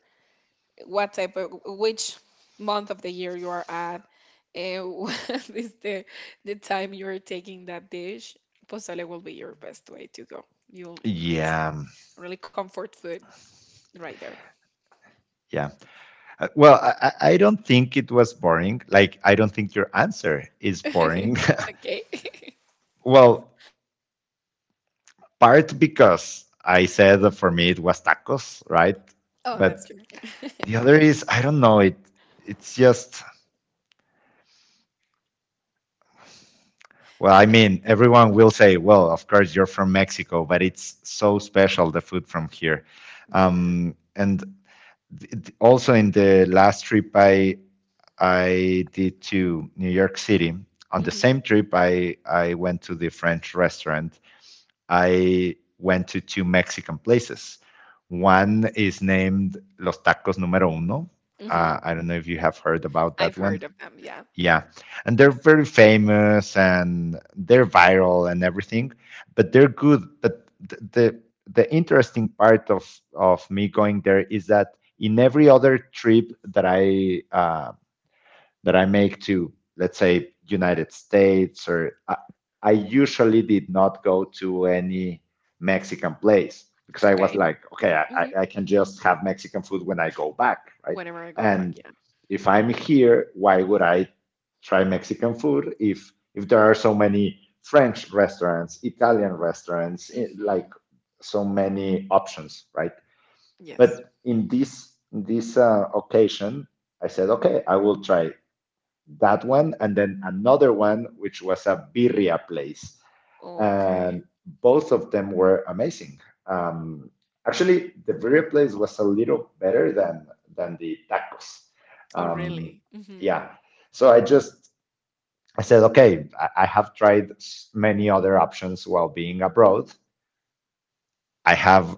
what type of, which month of the year you are at, and what is the the time you are taking that dish. Pozole will be your best way to go. You'll It's Yeah, really comfort food right there. yeah. Uh, well, I, I I don't think it was boring. Like, I don't think your answer is boring. Okay. Well, part because I said that for me it was tacos, right? Oh, that's But true. the other is I don't know. It it's just. Well, I mean, everyone will say, well, of course, you're from Mexico, but it's so special, the food from here. Yeah. Um, and th- th- also in the last trip I I did to New York City, on the Hmm. same trip I I went to the French restaurant. I went to two Mexican places. One is named Los Tacos Número Uno. Hmm. Uh, I don't know if you have heard about that I've heard one. of them. Yeah. Yeah, and they're very famous and they're viral and everything, but they're good. But th- the the interesting part of of me going there is that in every other trip that I uh, that I make to, let's say, United States, or I, I usually did not go to any Mexican place because I was Okay. like, okay, Hmm. I, I- can just have Mexican food when I go back, right? Whenever I go back, And yeah. if I'm here, why would I try Mexican food if if there are so many French restaurants, Italian restaurants, eh, Hmm. like so many options, right? Yes. But in this in this uh, occasion, I said, okay, I will try that one, and then another one, which was a birria place. Okay. And both of them were amazing. Um, Actually, the birria place was a little better than than the tacos. Oh, Um, really? Hmm. yeah. So I just. I said, okay, I, I have tried many other options while being abroad. I have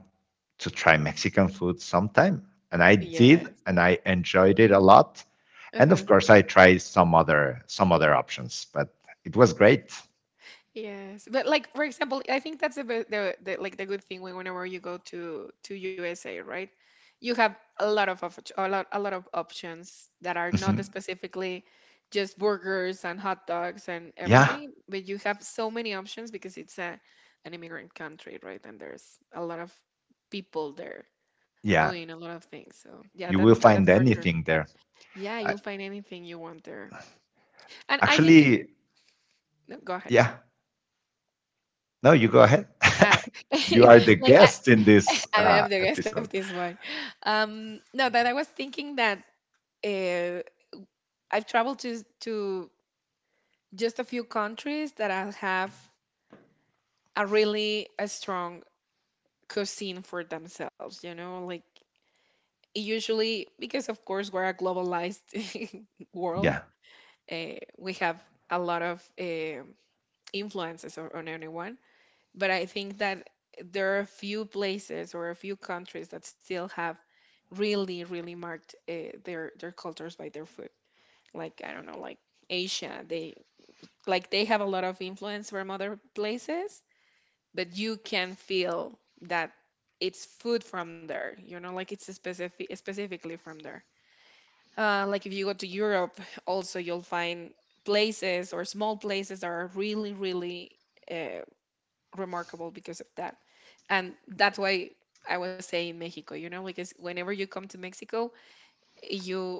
to try Mexican food sometime. And I did, Yes. and I enjoyed it a lot, and Uh-huh. of course I tried some other some other options, but it was great. Yes, but like, for example, I think that's the, be- the the like the good thing when whenever you go to to U S A, right? You have a lot of op- a lot a lot of options that are not Mhm. specifically just burgers and hot dogs and Yeah, everything, but you have so many options because it's a an immigrant country, right? And there's a lot of people there yeah, doing a lot of things. So yeah, that you will and that's find for sure. anything there. Yeah, I, you'll find anything you want there. And I think actually, No, go ahead, go ahead. yeah, no you go ahead. Uh, You are the like guest I, in this I uh, have the rest of episode. this one. Um, no, that I was thinking that uh, I've traveled to to just a few countries that I have a really a strong cuisine for themselves. You know, like, usually, because of course we're a globalized world, Yeah, uh, we have a lot of um influences on, on anyone, but I think that there are a few places or a few countries that still have really, really marked uh, their their cultures by their food. Like, I don't know, like, Asia, they like, they have a lot of influence from other places, but you can feel that it's food from there. You know, like, it's specific specifically from there. Uh, like, if you go to Europe, also you'll find places or small places that are really, really. Uh, remarkable because of that. And that's why I was saying Mexico, you know, because whenever you come to Mexico, you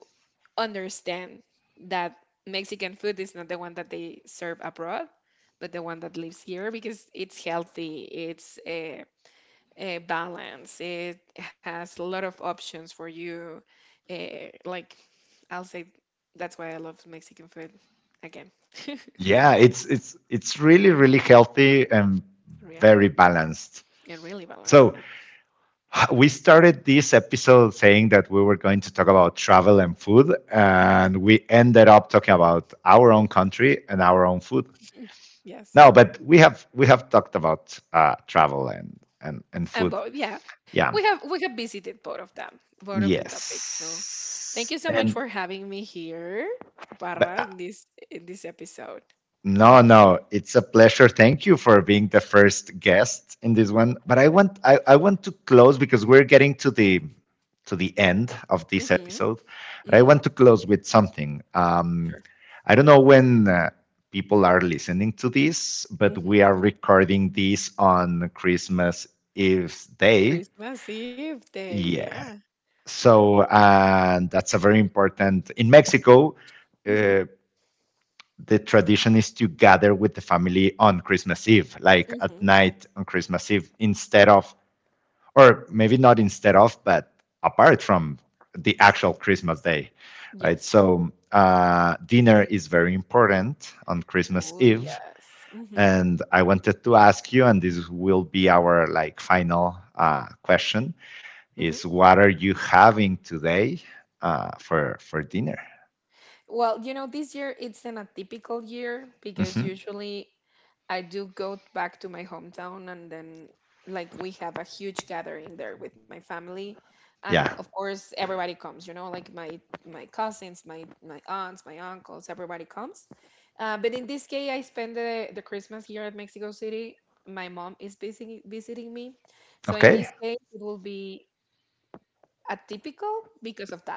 understand that Mexican food is not the one that they serve abroad, but the one that lives here because it's healthy, it's a, a balance, it has a lot of options for you. Uh, like, I'll say that's why I love Mexican food again. yeah, it's it's it's really really healthy and yeah, very balanced. and really balanced. So, Yeah. h- we started this episode saying that we were going to talk about travel and food, and we ended up talking about our own country and our own food. Yes. No, but we have we have talked about uh, travel and and and And food. both, yeah, we Yeah. have we have visited both of them, both of the topics. So, thank you Yes. so much for And having me here, Barra, but in uh, this in this episode. no, no, it's a pleasure. Thank you for being the first guest in this one. But I want I, I want to close because we're getting to the to the end of this Mm-hmm. episode. But I Mm-hmm. want to close with something. Sure. Um, I don't know when uh, people are listening to this, but Mm-hmm. we are recording this on Christmas Eve day. Christmas Eve day, Yeah. yeah. So, and that's a very important. In Mexico, Mm-hmm. uh, the tradition is to gather with the family on Christmas Eve, like at Mm-hmm. night on Christmas Eve, instead of, or maybe not instead of, but apart from the actual Christmas day, right? Yes. So, uh, dinner is very important on Christmas Oh Eve. yes. Mm-hmm. And I wanted to ask you, and this will be our like final uh, question Mm-hmm. is what are you having today uh, for for dinner? Well, you know, this year it's an atypical year because Hmm. usually I do go back to my hometown, and then, like, we have a huge gathering there with my family, and Yeah. of course everybody comes, you know, like my my cousins, my my aunts, my uncles, everybody comes. Uh, but in this case I spend the, the Christmas here at Mexico City. My mom is visiting visiting me. So in Okay. this case it will be atypical because of that.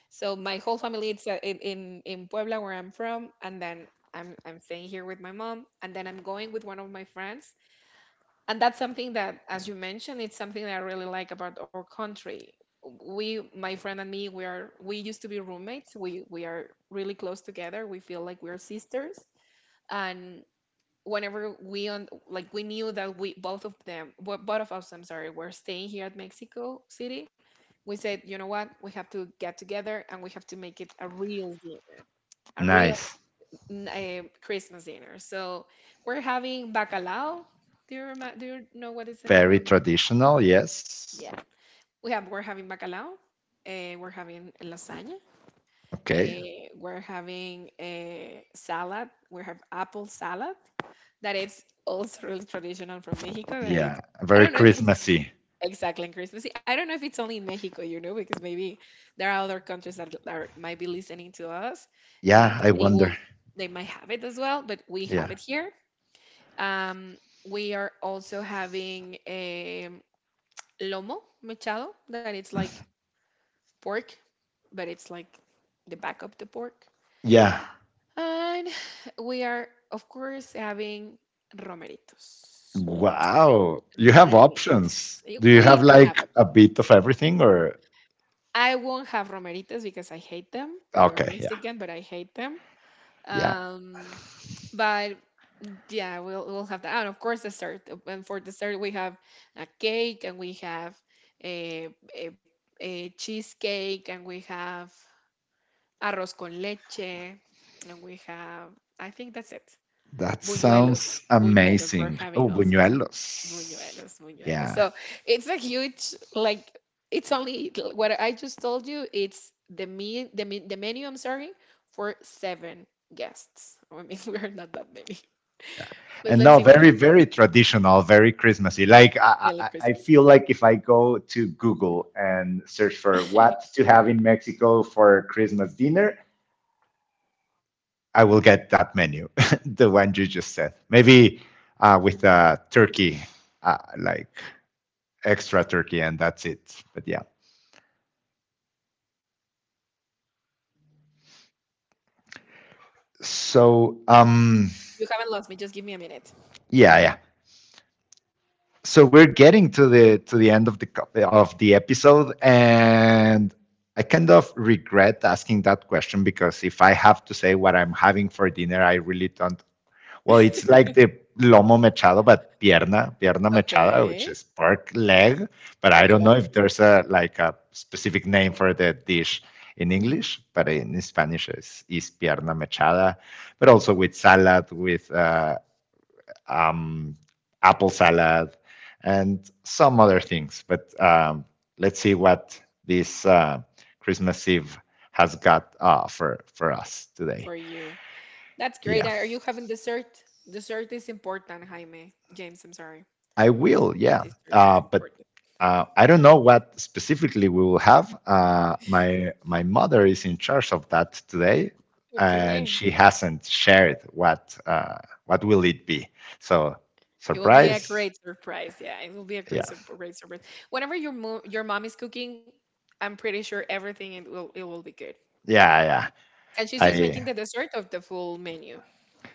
So my whole family is uh, in, in in Puebla, where I'm from, and then I'm I'm staying here with my mom, and then I'm going with one of my friends, and that's something that, as you mentioned, it's something that I really like about our country. We, my friend and me, we are we used to be roommates. We we are really close together. We feel like we are sisters, and whenever we on like, we knew that we, both of them bo- both of us, I'm sorry, were staying here at Mexico City. We said, you know what, we have to get together, and we have to make it a real dinner a real Nice. uh, Christmas dinner. So we're having bacalao. Do you remember do you know what is the name Very of? traditional. Yes. Yeah, we have we're having bacalao. Uh, we're having lasagna. Okay. Uh, we're having a salad. We have apple salad, that it's also really traditional from Mexico. That it, Yeah. I Very don't know if it's Christmassy. exactly in Christmas. I don't know if it's only in Mexico, you know, because maybe there are other countries that, that are, might be listening to us, uh, Yeah. that I they wonder. will, they might have it as well, but we have Yeah. it here. Um, we are also having a lomo mechado, that it's like pork, but it's like the back of the pork. Yeah. And we are, of course, having romeritos. Wow. You have Romeritas. options. Eh, Do you We have do have like options. a bit of everything, or? I won't have romeritas because I hate them. They're Okay. Yeah. Mexican, but I hate them. Yeah. Um, but yeah, we'll we'll have that. And of course, dessert. And for dessert, we have a cake, and we have a, a, a cheesecake, and we have arroz con leche, and we have. I think that's it. That Buñuelos. sounds Buñuelos we're amazing. having Oh, as well. buñuelos. Buñuelos, Buñuelos. Yeah. So it's a huge like, it's only what I just told you. It's the me the me, the menu. I'm sorry, for seven guests. I mean, we are not that many, but And let's no, see what very happens. very traditional, very Christmassy. Like, I, Really I i Christmassy. feel like if I go to Google and search for what to have in Mexico for Christmas dinner, I will get that menu. The one you just said, maybe uh, with uh, turkey, uh, like extra turkey, and that's it. But yeah, so um You haven't lost me. Just give me a minute. yeah, yeah. So we're getting to the to the end of the of the episode, and I kind of regret asking that question because if I have to say what I'm having for dinner, I really don't. Well, it's like the lomo mechado, but pierna, pierna mechada, which Okay, is pork leg, but I pork don't know leg. if there's a like a specific name for the dish in Hmm. English, but in Spanish it's is pierna mechada, but also with salad, with uh, um, apple salad, and some other things. But um, let's see what this uh, Christmas Eve has got uh, for for us today. For you. That's great. Yeah, Are you having dessert? Dessert is important, Jaime. James, I'm sorry. I will. Yeah, Dessert is uh, but important. uh, I don't know what specifically we will have. Uh, my my mother is in charge of that today, and Okay. she hasn't shared what uh, what will it be. So It will be a surprise! great surprise. Yeah, it will be a great, Yeah, sur- great surprise. Whenever your mo- your mom is cooking, I'm pretty sure everything it will it will be good. yeah, yeah. And she's just making I the dessert of the full menu.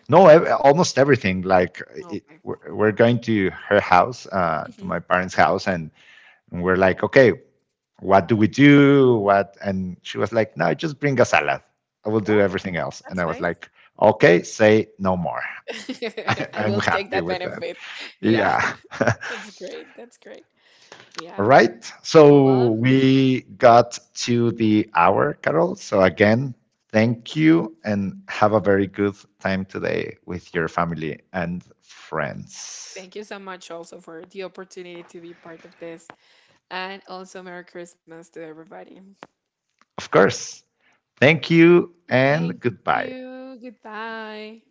no, almost everything. Like it, Okay. we're, we're going to her house, uh, to Hmm. my parents' house, and, and we're like, okay, what do we do? What? And she was like, no, just bring a salad. I will do Oh, everything else. And that's I was nice. like, okay, say no more. I I'm will take happy that with that. benefit. Yeah, Yeah. All that's great. That's great. Yeah. right. Well, So we got to the hour, Carol. So again, thank you and have a very good time today with your family and friends. thank you so much also for the opportunity to be part of this, and also Merry Christmas to everybody. Of course. Thank you and Thank goodbye. you. Goodbye.